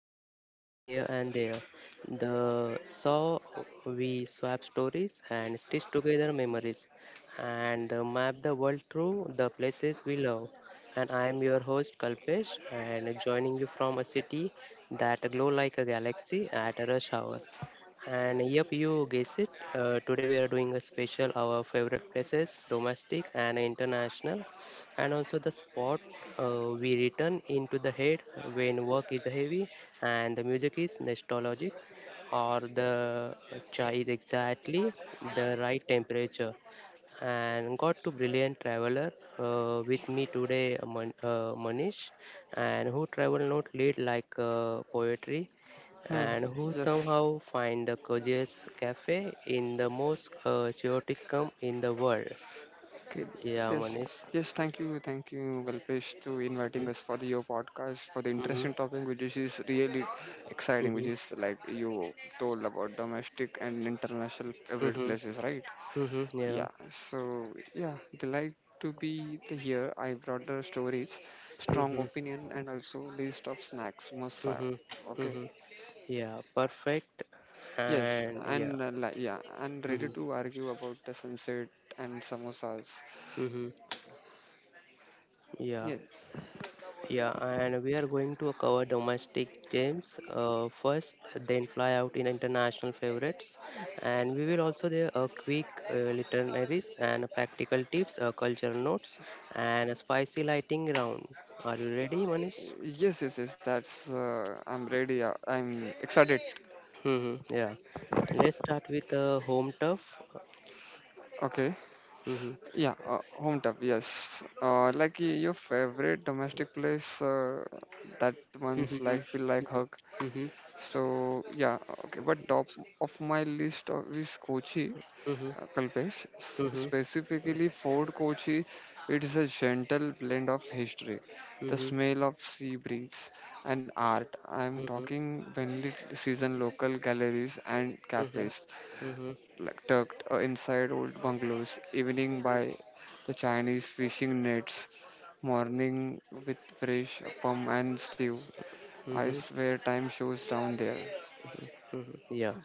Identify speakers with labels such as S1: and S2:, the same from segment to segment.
S1: Somewhere Between Here and There. The saw we swap stories and stitch together memories and map the world through the places we love. And I am your host Kalpesh and joining you from a city that glow like a galaxy at a rush hour. And yep, you guess it. Today we are doing a special our favorite places, domestic and international and also the spot we return into the head when work is heavy and the music is nostalgic or the chai is exactly the right temperature and got to brilliant traveler with me today manish and who travel not lead like poetry
S2: Hmm.
S1: and who
S2: Yes.
S1: somehow find the coziest cafe in the most chaotic come in the world
S2: Okay.
S1: yeah
S2: Yes.
S1: manish.
S2: Yes. Thank you. Thank you, Galpesh, to inviting
S1: Mhm.
S2: us for your podcast for the
S1: Mhm.
S2: interesting topic, which is really exciting, which
S1: Mhm.
S2: is like you told about domestic and international favorite
S1: Mhm.
S2: places, right?
S1: Mhm. Yeah.
S2: Yeah. So yeah, they like to be the here. I brought the stories, strong
S1: Mhm.
S2: opinion, and also list of snacks must have.
S1: Mhm.
S2: Okay.
S1: Mhm. Yeah. Perfect.
S2: Yes,
S1: And yeah.
S2: and like yeah, and ready
S1: Mhm.
S2: to argue about the sunset and samosas.
S1: Mhm. Yeah.
S2: Yes,
S1: Yeah. And we are going to cover domestic games first, then fly out in international favorites, and we will also there a quick literaries and practical tips, culture notes, and a spicy lighting round. Are you ready, Manish?
S2: yes, yes, yes. That's I'm ready. I'm excited.
S1: Mm-hmm, yeah. Let's start with home turf.
S2: Okay,
S1: Mhm.
S2: yeah, home tub. Yes, like your favorite domestic place. That one's like
S1: Mhm.
S2: feel like hug.
S1: Mhm.
S2: So yeah, okay. But top of my list of is Kochi.
S1: Mhm. Mhm.
S2: Kalpesh,
S1: Mhm.
S2: specifically Fort Kochi, it is a gentle blend of history, the
S1: Mhm.
S2: smell of sea breeze, and art. I am
S1: Mhm.
S2: talking windy season local galleries and
S1: Mhm.
S2: cafes,
S1: Mhm.
S2: like tucked inside old bungalows, evening by the Chinese fishing nets, morning with fresh pum and stew. I
S1: Mhm.
S2: swear time shows down there.
S1: Mhm. Yeah.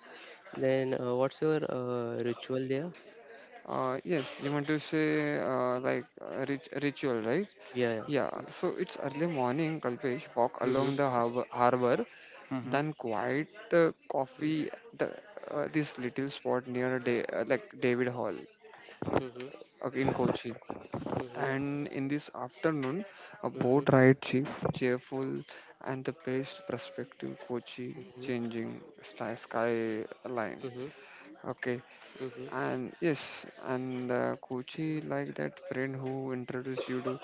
S1: Then what's your ritual there?
S2: Yes, you want to say like ritual, right?
S1: Yeah,
S2: Yeah,
S1: yeah.
S2: so it's early morning, Kalpesh, walk
S1: Hmm.
S2: along the harbor,
S1: Mm-hmm.
S2: then quiet coffee, the, this little spot near like David Hall
S1: Mhm.
S2: in Kochi.
S1: Mhm. Mhm.
S2: And in this afternoon, a
S1: Mhm.
S2: boat ride cheap, cheerful, and the place perspective, Kochi changing sky line.
S1: Mhm.
S2: Okay,
S1: Mhm.
S2: and yes, and Kochi like that friend who introduced you to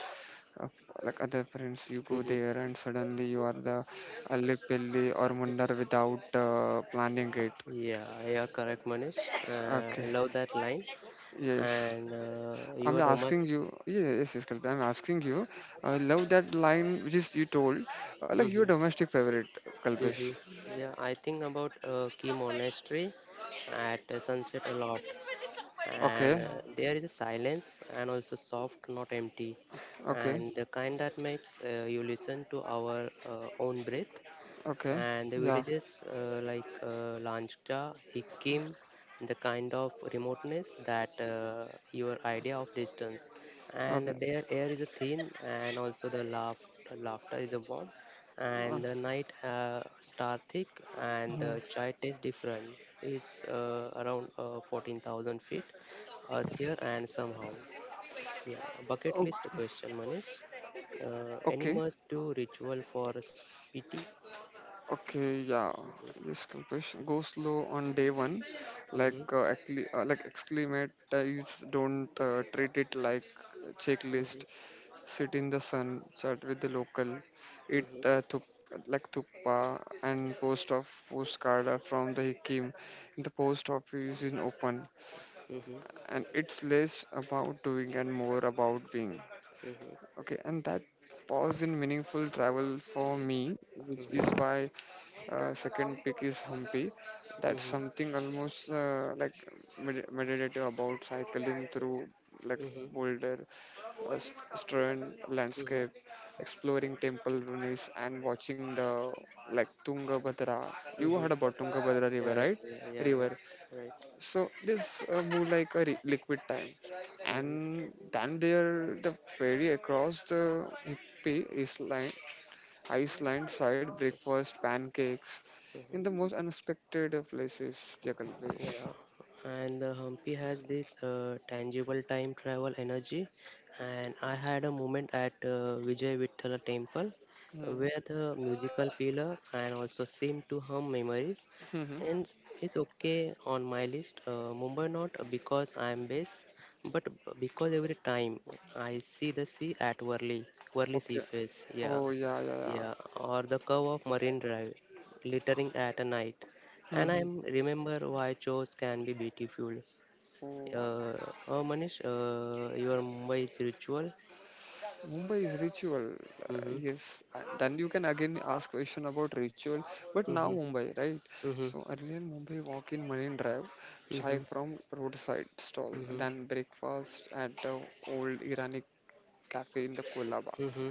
S2: of like other friends you go
S1: Mhm.
S2: there and suddenly you are the alip pilli or mundar without planning it.
S1: Yeah, you're correct, Manish.
S2: Okay,
S1: Love that line.
S2: yes,
S1: And
S2: I'm
S1: your
S2: asking
S1: domestic.
S2: you. Yeah, yes, yes, Kalpana, I'm asking you. I love that line, which is you told like your
S1: Hmm.
S2: domestic favorite, Kalpesh.
S1: Hmm. Yeah, I think about Key Monastery at sunset a lot.
S2: Okay,
S1: And there is a silence and also soft not empty
S2: okay,
S1: and the kind that makes you listen to our own breath
S2: okay,
S1: and the
S2: yeah,
S1: villages like Lanchda, Hikkim, the kind of remoteness that your idea of distance, and
S2: okay,
S1: their air is a thin, and also the laugh, laughter is a warm,
S2: uh,
S1: and the night star thick, and the
S2: hmm.
S1: chai tastes different. It's around 14,000 feet, earth here and somehow. Yeah, bucket
S2: Oh,
S1: list question, Manish. Any
S2: okay.
S1: must do ritual for s- P
S2: Okay, yeah.
S1: T?
S2: Yes, Kalpesh. Go slow on day one. Like,
S1: Mhm,
S2: like acclimatize. Don't treat it like a checklist.
S1: mhm,
S2: Sit in the sun, chat with the local, eat
S1: mhm,
S2: like thuppa and post of postcard are from the Hikim. The post office is open,
S1: mhm,
S2: and it's less about doing and more about being.
S1: mhm,
S2: Okay, and that pause in meaningful travel for me, which is
S1: mhm,
S2: why second pick is Hampi. That's
S1: mhm,
S2: something almost like meditative about cycling through like
S1: mhm,
S2: Boulder, stern
S1: mhm,
S2: landscape, exploring temple ruins, and watching the like Tungabhadra. You heard
S1: mhm.
S2: about Tungabhadra River,
S1: Yeah, yeah,
S2: right?
S1: yeah, yeah, yeah.
S2: River.
S1: Right.
S2: So this move like a liquid time,
S1: Mm-hmm.
S2: and then there the ferry across the Himpi is line. Iceland side breakfast, pancakes in the most unexpected of places, Jackalafish.
S1: Yeah, and the Humpy has this tangible time travel energy. And I had a moment at Vijay Vittala temple
S2: Hmm.
S1: where the musical pillar and also seemed to hum memories.
S2: Hmm. Mhm.
S1: And it's okay on my list. Mumbai not because I'm based, but because every time I see the sea at Worli, Worli Sea
S2: Okay.
S1: Face, yeah,
S2: Oh, yeah, yeah, yeah.
S1: yeah, or the curve of Marine Drive, glittering at a night. And I
S2: Hmm.
S1: remember why chores can be beautiful.
S2: Oh,
S1: Uh, oh, Manish, your Mumbai's ritual.
S2: Mumbai is ritual.
S1: Mm-hmm,
S2: Yes. Then you can again ask question about ritual. But now
S1: mm-hmm,
S2: Mumbai, right?
S1: mm-hmm,
S2: So earlier Mumbai walk in Marine Drive, chai from roadside stall,
S1: mm-hmm,
S2: then breakfast at the old Irani cafe in the Kolaba.
S1: mm-hmm, mm-hmm,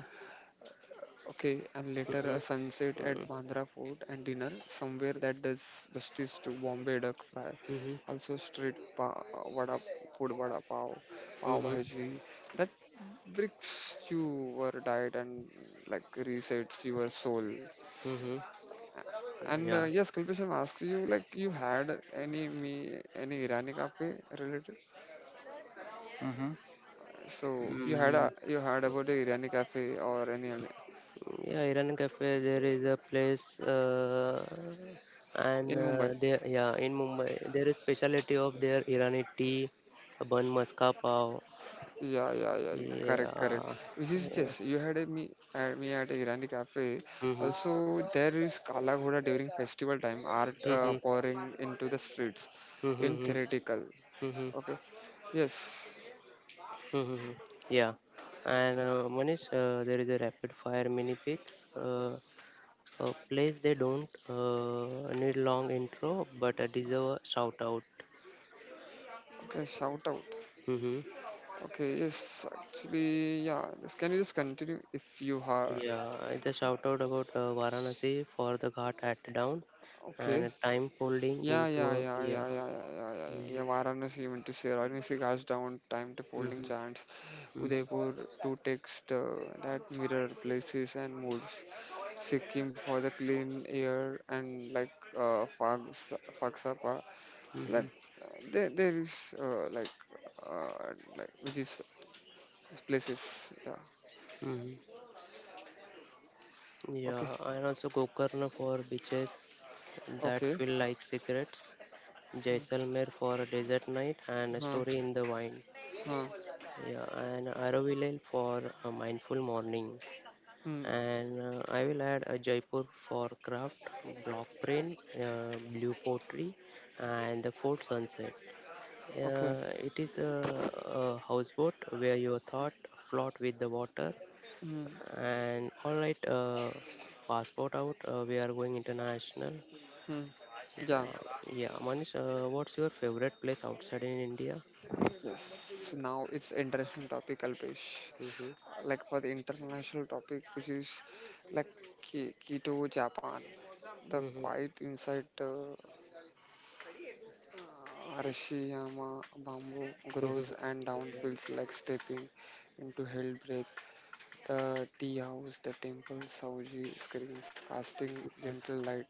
S2: Okay, and later a sunset at
S1: mm-hmm,
S2: Bandra Fort and dinner somewhere that does justice to Bombay duck fry.
S1: mm-hmm,
S2: Also street pa- vada food vada pav, pav
S1: mm-hmm,
S2: bhaji that breaks your diet and like resets your soul.
S1: mm-hmm.
S2: And
S1: Yeah.
S2: yes, Kulbishan asked you, like you had any me any Irani cafe related?
S1: Mm-hmm.
S2: So you had
S1: Mm,
S2: a you had about the Irani cafe or any other
S1: yeah, Iran Cafe, there is a place,
S2: in
S1: and
S2: Mumbai?
S1: there, yeah, in Mumbai, there is specialty of their Irani tea, bun maska pav.
S2: Yeah, yeah, yeah, yeah. Correct, correct.
S1: Yeah,
S2: Which is
S1: yeah.
S2: just you had a me at a Irani cafe.
S1: Mhm.
S2: Also, there is Kala Ghoda during festival time. Art
S1: Mhm.
S2: pouring into the streets, in
S1: Mhm.
S2: theoretical.
S1: Mhm.
S2: Okay. Yes.
S1: Mhm. Yeah. And Manish, there is a rapid fire mini picks. A place they don't need long intro, but deserve a shout out.
S2: Okay. Shout out.
S1: Mm-hmm.
S2: Okay. Yes. Actually, yeah. This, can you just continue if you have?
S1: Yeah, it's a shout out about Varanasi for the Ghat at down and
S2: Okay.
S1: a time folding
S2: Yeah, yeah,
S1: into a
S2: yeah,
S1: yeah.
S2: yeah, yeah, yeah, yeah, yeah, yeah.
S1: Mm-hmm.
S2: Yeah, Varanasi you meant to say Varanasi guys down time to folding
S1: Mm-hmm.
S2: chants.
S1: Mm-hmm.
S2: Udaipur to text that mirror places and moods, Sikkim for the clean air and like Fags, Fagsapa, like there is uh, like like which is places, yeah.
S1: Mm-hmm. Yeah,
S2: Okay,
S1: and also Gokarna for beaches that
S2: okay,
S1: feel like secrets, Jaisalmer for a desert night and a
S2: huh,
S1: story in the wine.
S2: huh.
S1: Yeah, and Aravilal for a mindful morning.
S2: Hmm.
S1: And I will add a Jaipur for craft, block print, blue pottery, and the fort sunset.
S2: Okay.
S1: It is a houseboat where your thought float with the water
S2: Hmm.
S1: and all right, passport out. We are going international.
S2: Hmm. Yeah.
S1: Yeah, yeah. Manish, what's your favorite place outside in India?
S2: Yes, now it's interesting topic, Alpesh,
S1: Mm-hmm.
S2: like for the international topic, which is like Kyoto Japan. The
S1: Mm-hmm.
S2: quiet inside Arashiyama bamboo
S1: Mm-hmm.
S2: grows and down
S1: Yeah.
S2: feels like stepping into hell breath. The tea house, the temple, Sauji screens casting gentle light.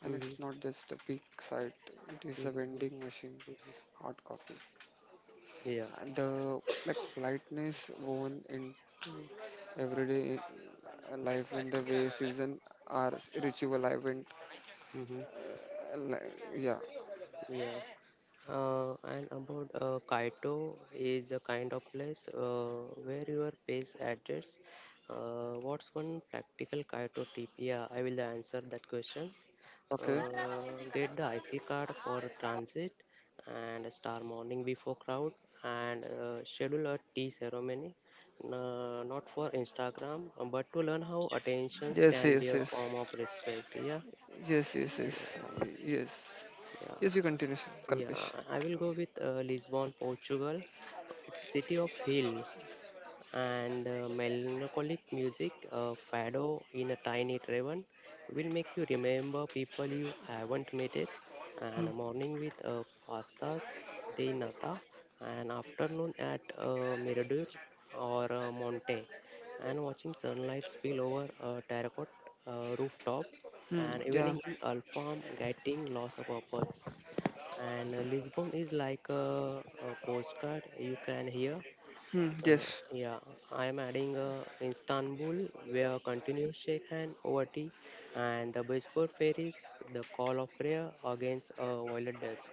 S2: And
S1: Mm-hmm.
S2: it's not just a big sight, it is a
S1: Mm-hmm. Mm-hmm.
S2: vending machine, hot coffee.
S1: Yeah.
S2: And the like lightness woven into everyday life in the way season are ritual event.
S1: Mm-hmm.
S2: Uh, li- yeah,
S1: Yeah. And about Kaito is a kind of place where your pace adjusts. What's one practical Kaito tip? Yeah, I will answer that questions.
S2: okay.
S1: Get the IC card for transit and a star morning before crowd and schedule a tea ceremony. Not for Instagram, but to learn how attentions
S2: Yes,
S1: can be
S2: yes,
S1: a
S2: yes.
S1: form of respect. Yeah,
S2: Yes, yes, yes,
S1: yeah,
S2: yes.
S1: yeah.
S2: Yes, you continue, Sir
S1: Yeah,
S2: Kalpesh.
S1: I will go with Lisbon, Portugal. It's a city of hill and melancholic music, fado in a tiny tavern will make you remember people you haven't met it.
S2: Hmm.
S1: And a morning with pastas de nata, and afternoon at Mirador or Monte, and watching sunlight spill over a terracotta rooftop,
S2: Hmm.
S1: and
S2: Yeah.
S1: evening in Alfarm getting lost of purpose and Lisbon is like a postcard you can hear.
S2: Hmm.
S1: Uh,
S2: Yes.
S1: yeah, I am adding Istanbul where continuous shake hand over tea and the Bosphor ferries, the call of prayer against a violet dusk,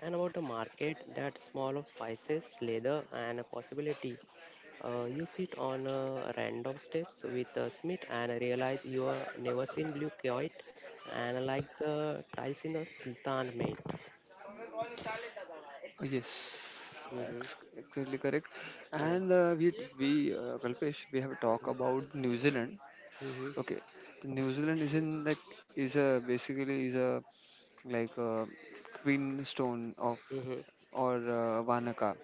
S1: and about the market that small of spices, leather, and a possibility. You sit on random steps with a Smith and realize you are never seen blue kite and like the tiles in a Sultan mate.
S2: Oh, yes.
S1: Mm-hmm.
S2: ex- Exactly correct.
S1: Yeah.
S2: And we Kalpesh, we have talked about New Zealand.
S1: Mhm.
S2: Okay, the New Zealand is in like is a basically is a like a queen stone
S1: Mhm. Mhm.
S2: or Vanaka.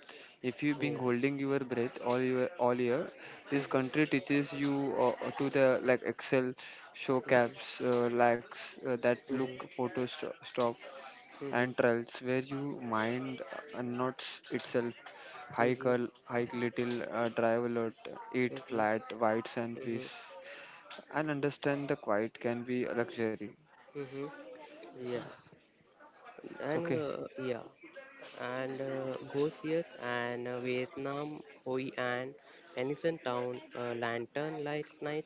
S2: If you've been
S1: Yeah.
S2: holding your breath all year, this
S1: Mhm.
S2: country teaches you to the like Excel show
S1: Mhm.
S2: caps, lags that look
S1: Mhm.
S2: stop
S1: Mhm.
S2: and trails where you mind unknots itself. Hike,
S1: Mhm.
S2: hike little, drive a lot, eat
S1: Mhm.
S2: flat, whites and
S1: Mhm.
S2: peace, and understand the quiet can be a luxury.
S1: Mhm. Yeah. And
S2: Okay,
S1: yeah. And Gosias and Vietnam Hoi and Ellison Town Lantern Light Night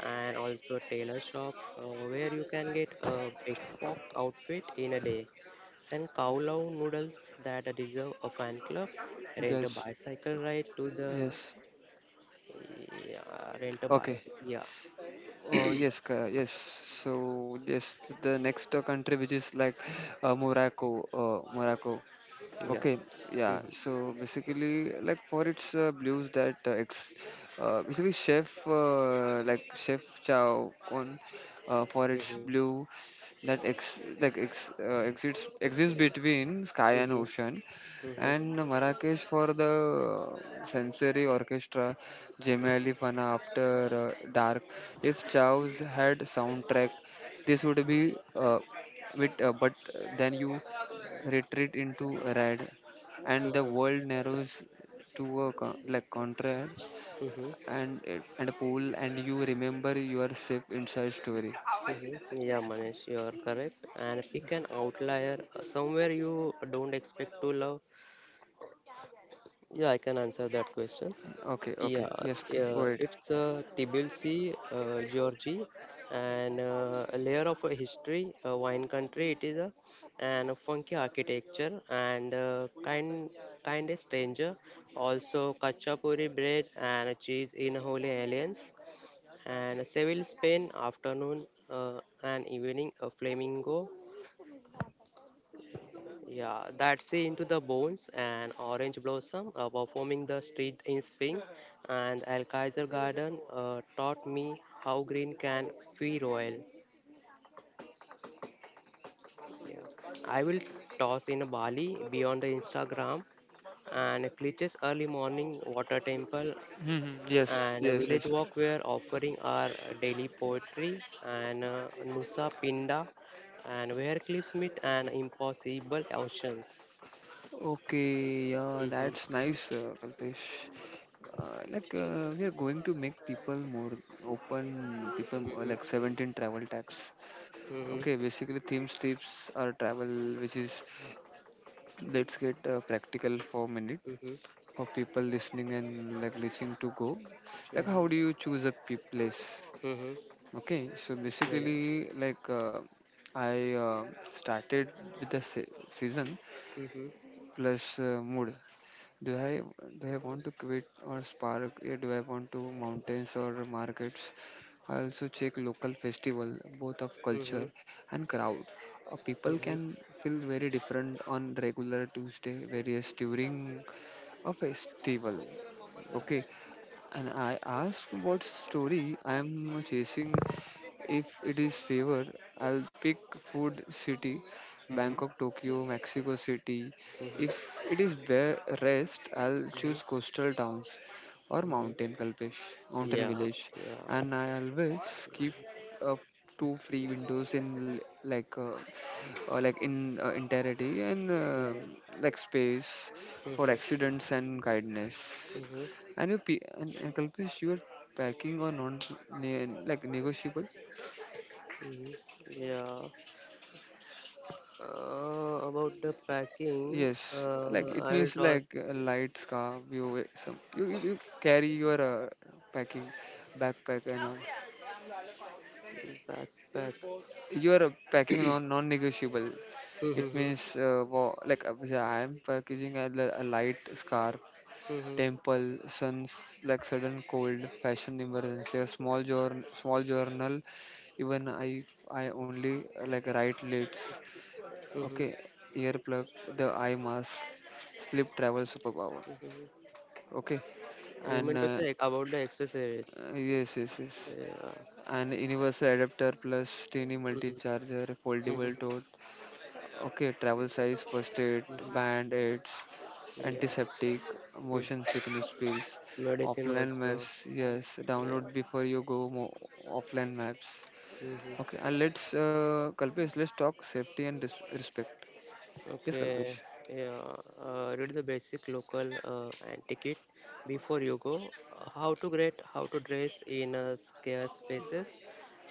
S1: and also tailor shop where you can get a big spock outfit in a day and kowlow noodles that deserve a fan club, rent a
S2: yes,
S1: bicycle ride to the.
S2: yes,
S1: Yeah, rent a
S2: okay.
S1: bicycle. Yeah,
S2: Yes. So yes, the next country, which is like Morocco. Morocco.
S1: yeah.
S2: Okay, yeah.
S1: Mm-hmm.
S2: So basically, like for its basically chef like Chef Chow on for its
S1: Mm-hmm.
S2: blue that ex like ex exits exists between sky and
S1: Mm-hmm.
S2: ocean,
S1: Mm-hmm.
S2: and Marrakesh for the sensory orchestra, Gemelli
S1: Mm-hmm.
S2: Fana after dark. If Chow's had soundtrack, this would be with but then you retreat into red, and the world narrows to a like contrail
S1: Mm-hmm.
S2: and a pool, and you remember your ship inside story.
S1: Mm-hmm. Yeah, Manish, you are correct. And pick an outlier, somewhere you don't expect to love. Yeah, I can answer that questions.
S2: Okay,
S1: Yeah,
S2: okay, yes, go ahead.
S1: it's Tbilisi, Georgie, and a layer of a history, a wine country it is, a, and a funky architecture, and kind kindest stranger. Also, kachapuri bread and cheese in Holy Alliance, and Seville, Spain, afternoon and evening, a flamingo, yeah, that's the Into the Bones and Orange Blossom performing the street in spring and Al Kaiser Garden taught me how green can be royal. Yeah. I will toss in Bali beyond the Instagram and Klitsch's early morning water temple
S2: Mhm, yes,
S1: and a
S2: yes,
S1: village
S2: yes.
S1: walk where offering our daily poetry and Nusa Pinda and where cliffs meet and impossible oceans.
S2: Okay, yeah,
S1: Hmm.
S2: that's nice, Kalpesh. Like we are going to make people more open, people like
S1: Hmm.
S2: 17 travel types. Okay,
S1: Hmm.
S2: basically themes tips are travel, which is let's get practical for a minute.
S1: Mhm.
S2: For people listening and like listening to go, like how
S1: Mhm.
S2: do you choose a place?
S1: Mhm.
S2: Okay, so
S1: Yeah.
S2: basically like I uh, started with the season
S1: Mhm.
S2: plus mood. Do i do i want to quit or spark, eh, do I want to mountains or markets? I also check local festival, both of culture
S1: Mhm.
S2: and crowd. People can
S1: Mhm.
S2: feel very different on regular Tuesday various during a festival. Okay, and I ask what story I am chasing. If it is favor, I'll pick food city,
S1: Mm-hmm.
S2: Bangkok, Tokyo, Mexico City.
S1: Mhm.
S2: If it is bear rest, I'll choose
S1: Mhm.
S2: coastal towns or
S1: Mhm.
S2: mountain Kalpesh, mountain
S1: Yeah.
S2: village.
S1: Yeah.
S2: And I always keep up two free windows in like in entirety and
S1: Mhm.
S2: like space for
S1: Mhm.
S2: accidents and kindness.
S1: Mhm.
S2: And you pe- and Kalpesh, you are packing or like negotiable?
S1: Mhm. Yeah. About the packing,
S2: Yes, like it
S1: I will
S2: means
S1: toss
S2: like a light scarf. You wear some you carry your packing backpack and all.
S1: backpack.
S2: You are packing non-negotiable. It
S1: Mm-hmm.
S2: means wa- like yeah, I am packaging a, a light scarf,
S1: Mm-hmm.
S2: temple, suns like sudden cold, fashion emergency, a small journal, small journal. Even I only like write late.
S1: Mm-hmm.
S2: Okay, earplug, the eye mask, sleep travel superpower.
S1: Mm-hmm.
S2: Okay,
S1: You
S2: and
S1: meant to say about the accessories.
S2: yes, yes, yes.
S1: Yeah.
S2: And universal adapter plus tiny multi
S1: Mm-hmm.
S2: charger, foldable
S1: Mm-hmm.
S2: tote. Okay, travel size, first aid,
S1: Mm-hmm.
S2: band aids,
S1: Yeah.
S2: antiseptic,
S1: Mm.
S2: motion sickness pills,
S1: Medicine
S2: offline
S1: also.
S2: maps. Yes,
S1: Yeah.
S2: download before you go offline maps. Okay,
S1: Hmm.
S2: and let's, Kalpesh, let's talk safety and respect. Yes,
S1: Okay,
S2: Kalpesh.
S1: yeah. Read the basic local and ticket before you go. How to get, how to dress in scarce spaces,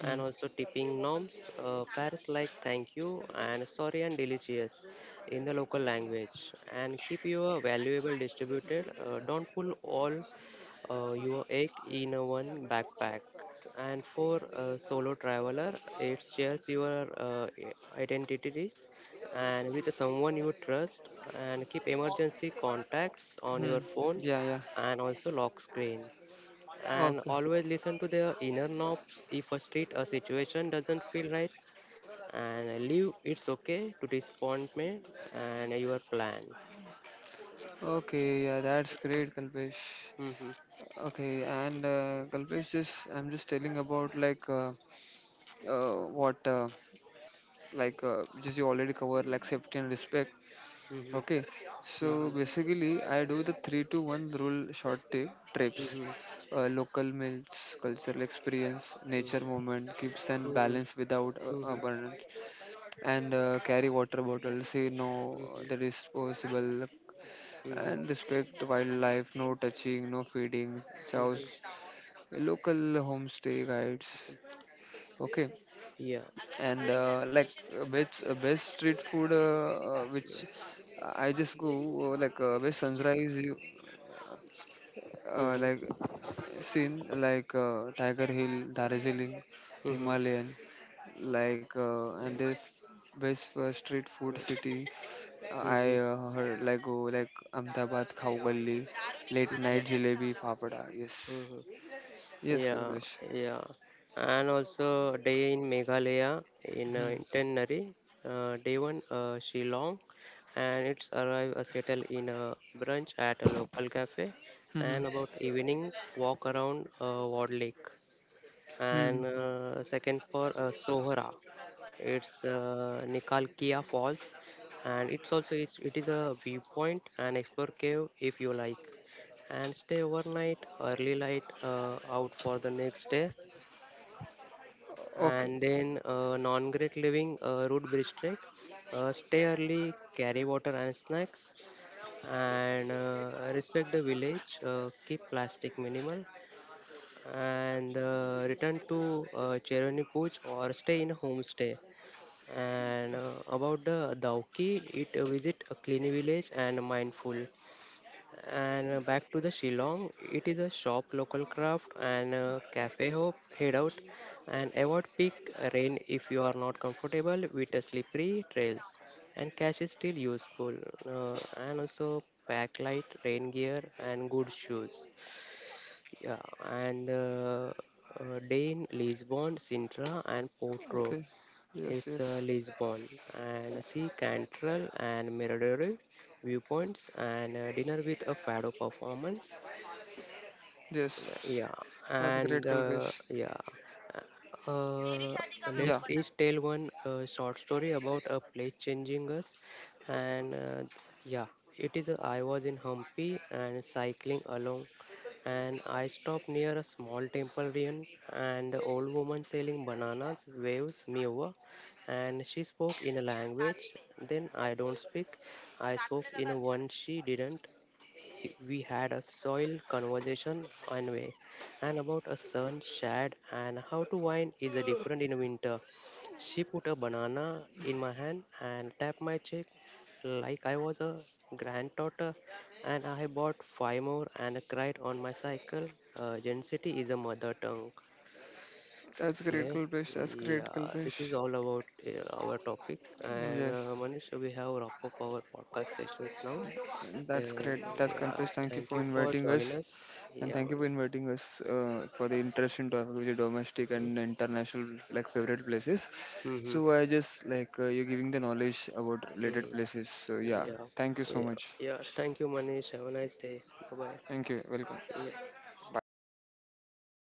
S1: and also tipping norms. Pairs like thank you and sorry and delicious in the local language, and keep your valuable distributed. Don't pull all your egg in a one backpack. And for a solo traveler, it shares your identities and with someone you trust and keep emergency contacts on
S2: Hmm.
S1: your phone
S2: Yeah, yeah.
S1: and also lock screen and
S2: Okay.
S1: always listen to the inner knobs if a street a situation doesn't feel right and leave it's okay to disappointment and your plan.
S2: Okay, yeah, that's great, Kalpesh.
S1: Mhm,
S2: Okay, and Kalpesh, just I'm just telling about like what like just you already covered like safety and respect.
S1: mhm,
S2: Okay, so
S1: mhm,
S2: basically I do the three to one rule short trips,
S1: mhm,
S2: local meals, cultural experience, nature movement, keeps and
S1: mhm,
S2: balance without
S1: mhm, mhm,
S2: burden. And carry water bottles you no,
S1: mhm,
S2: that is possible,
S1: mhm,
S2: and respect wildlife, no touching, no feeding chows,
S1: mhm.
S2: local homestay guides, okay.
S1: Yeah.
S2: And like best street food which I just go, like best sunrise you
S1: Hmm.
S2: like seen, like Tiger Hill, Darjeeling,
S1: Mhm,
S2: Himalayan, like and
S1: mhm,
S2: the best street food city. I
S1: mhm,
S2: heard like go like Ahmedabad Khawgalli, late
S1: mhm, mhm,
S2: night jalebi fapada. Yes,
S1: mhm.
S2: yes,
S1: Yeah,
S2: Kalpesh.
S1: yeah. And also a day in Meghalaya in
S2: Hmm.
S1: Intenary, day one Shillong, and it's arrive settle in a brunch at a local cafe,
S2: Hmm. Hmm.
S1: and about evening walk around Ward Lake,
S2: Hmm, hmm.
S1: and second for Sohra. It's Nikalkia Falls, and it is a viewpoint and explore cave if you like, and stay overnight, early light out for the next day, and
S2: Okay.
S1: then non grid living route bridge trek. Stay early, carry water and snacks, and respect the village. Keep plastic minimal, and return to Cheroni Puch or stay in a homestay and about the Dauki, it visit a clean village and mindful. And back to the Shillong, it is a shop local craft and cafe hope head out and avoid peak rain if you are not comfortable with the slippery trails. And cash is still useful and also pack light rain gear and good shoes. Yeah, and Dane, Lisbon, Sintra, and Porto.
S2: Okay. Yes.
S1: It's
S2: Yes.
S1: Lisbon. And see Cantrell and Mirador viewpoints and dinner with a fado performance.
S2: Yes.
S1: Yeah,
S2: That's
S1: and
S2: great, Kalpesh.
S1: yeah, uh, uh,
S2: Yeah.
S1: let's each tell one short story about a place changing us. And yeah, it is I was in Hampi and cycling along, and I stopped near a small temple ruin, and the old woman selling bananas waves me over, and she spoke in a language then I don't speak. I spoke in a one she didn't, we had a soil conversation on way and about a sun shad and how to wine is a different in winter. She put a banana in my hand and tapped my cheek like I was a granddaughter and I bought five more and cried on my cycle. Density is a mother tongue.
S2: That's great,
S1: Okay,
S2: Kalpesh. That's great,
S1: yeah, this is
S2: Kalpesh.
S1: all about our topic. And
S2: Yes.
S1: Manish, we have wrap up our podcast sessions now.
S2: That's
S1: Then,
S2: great. That's
S1: yeah,
S2: Kalpesh. Thank you
S1: thank
S2: for
S1: you for
S2: inviting us,
S1: joining us.
S2: and
S1: Yeah,
S2: thank you for
S1: Manish.
S2: inviting us for the interesting topic, talking with the domestic
S1: Mm-hmm.
S2: and international like favorite places.
S1: Mm-hmm.
S2: So I just like you're giving the knowledge about related
S1: Mm-hmm.
S2: places. So yeah,
S1: Yeah,
S2: thank you so
S1: yeah,
S2: much.
S1: yeah. Thank you, Manish. Have a nice day. Bye bye.
S2: Thank you. Welcome.
S1: Yeah.
S2: Bye.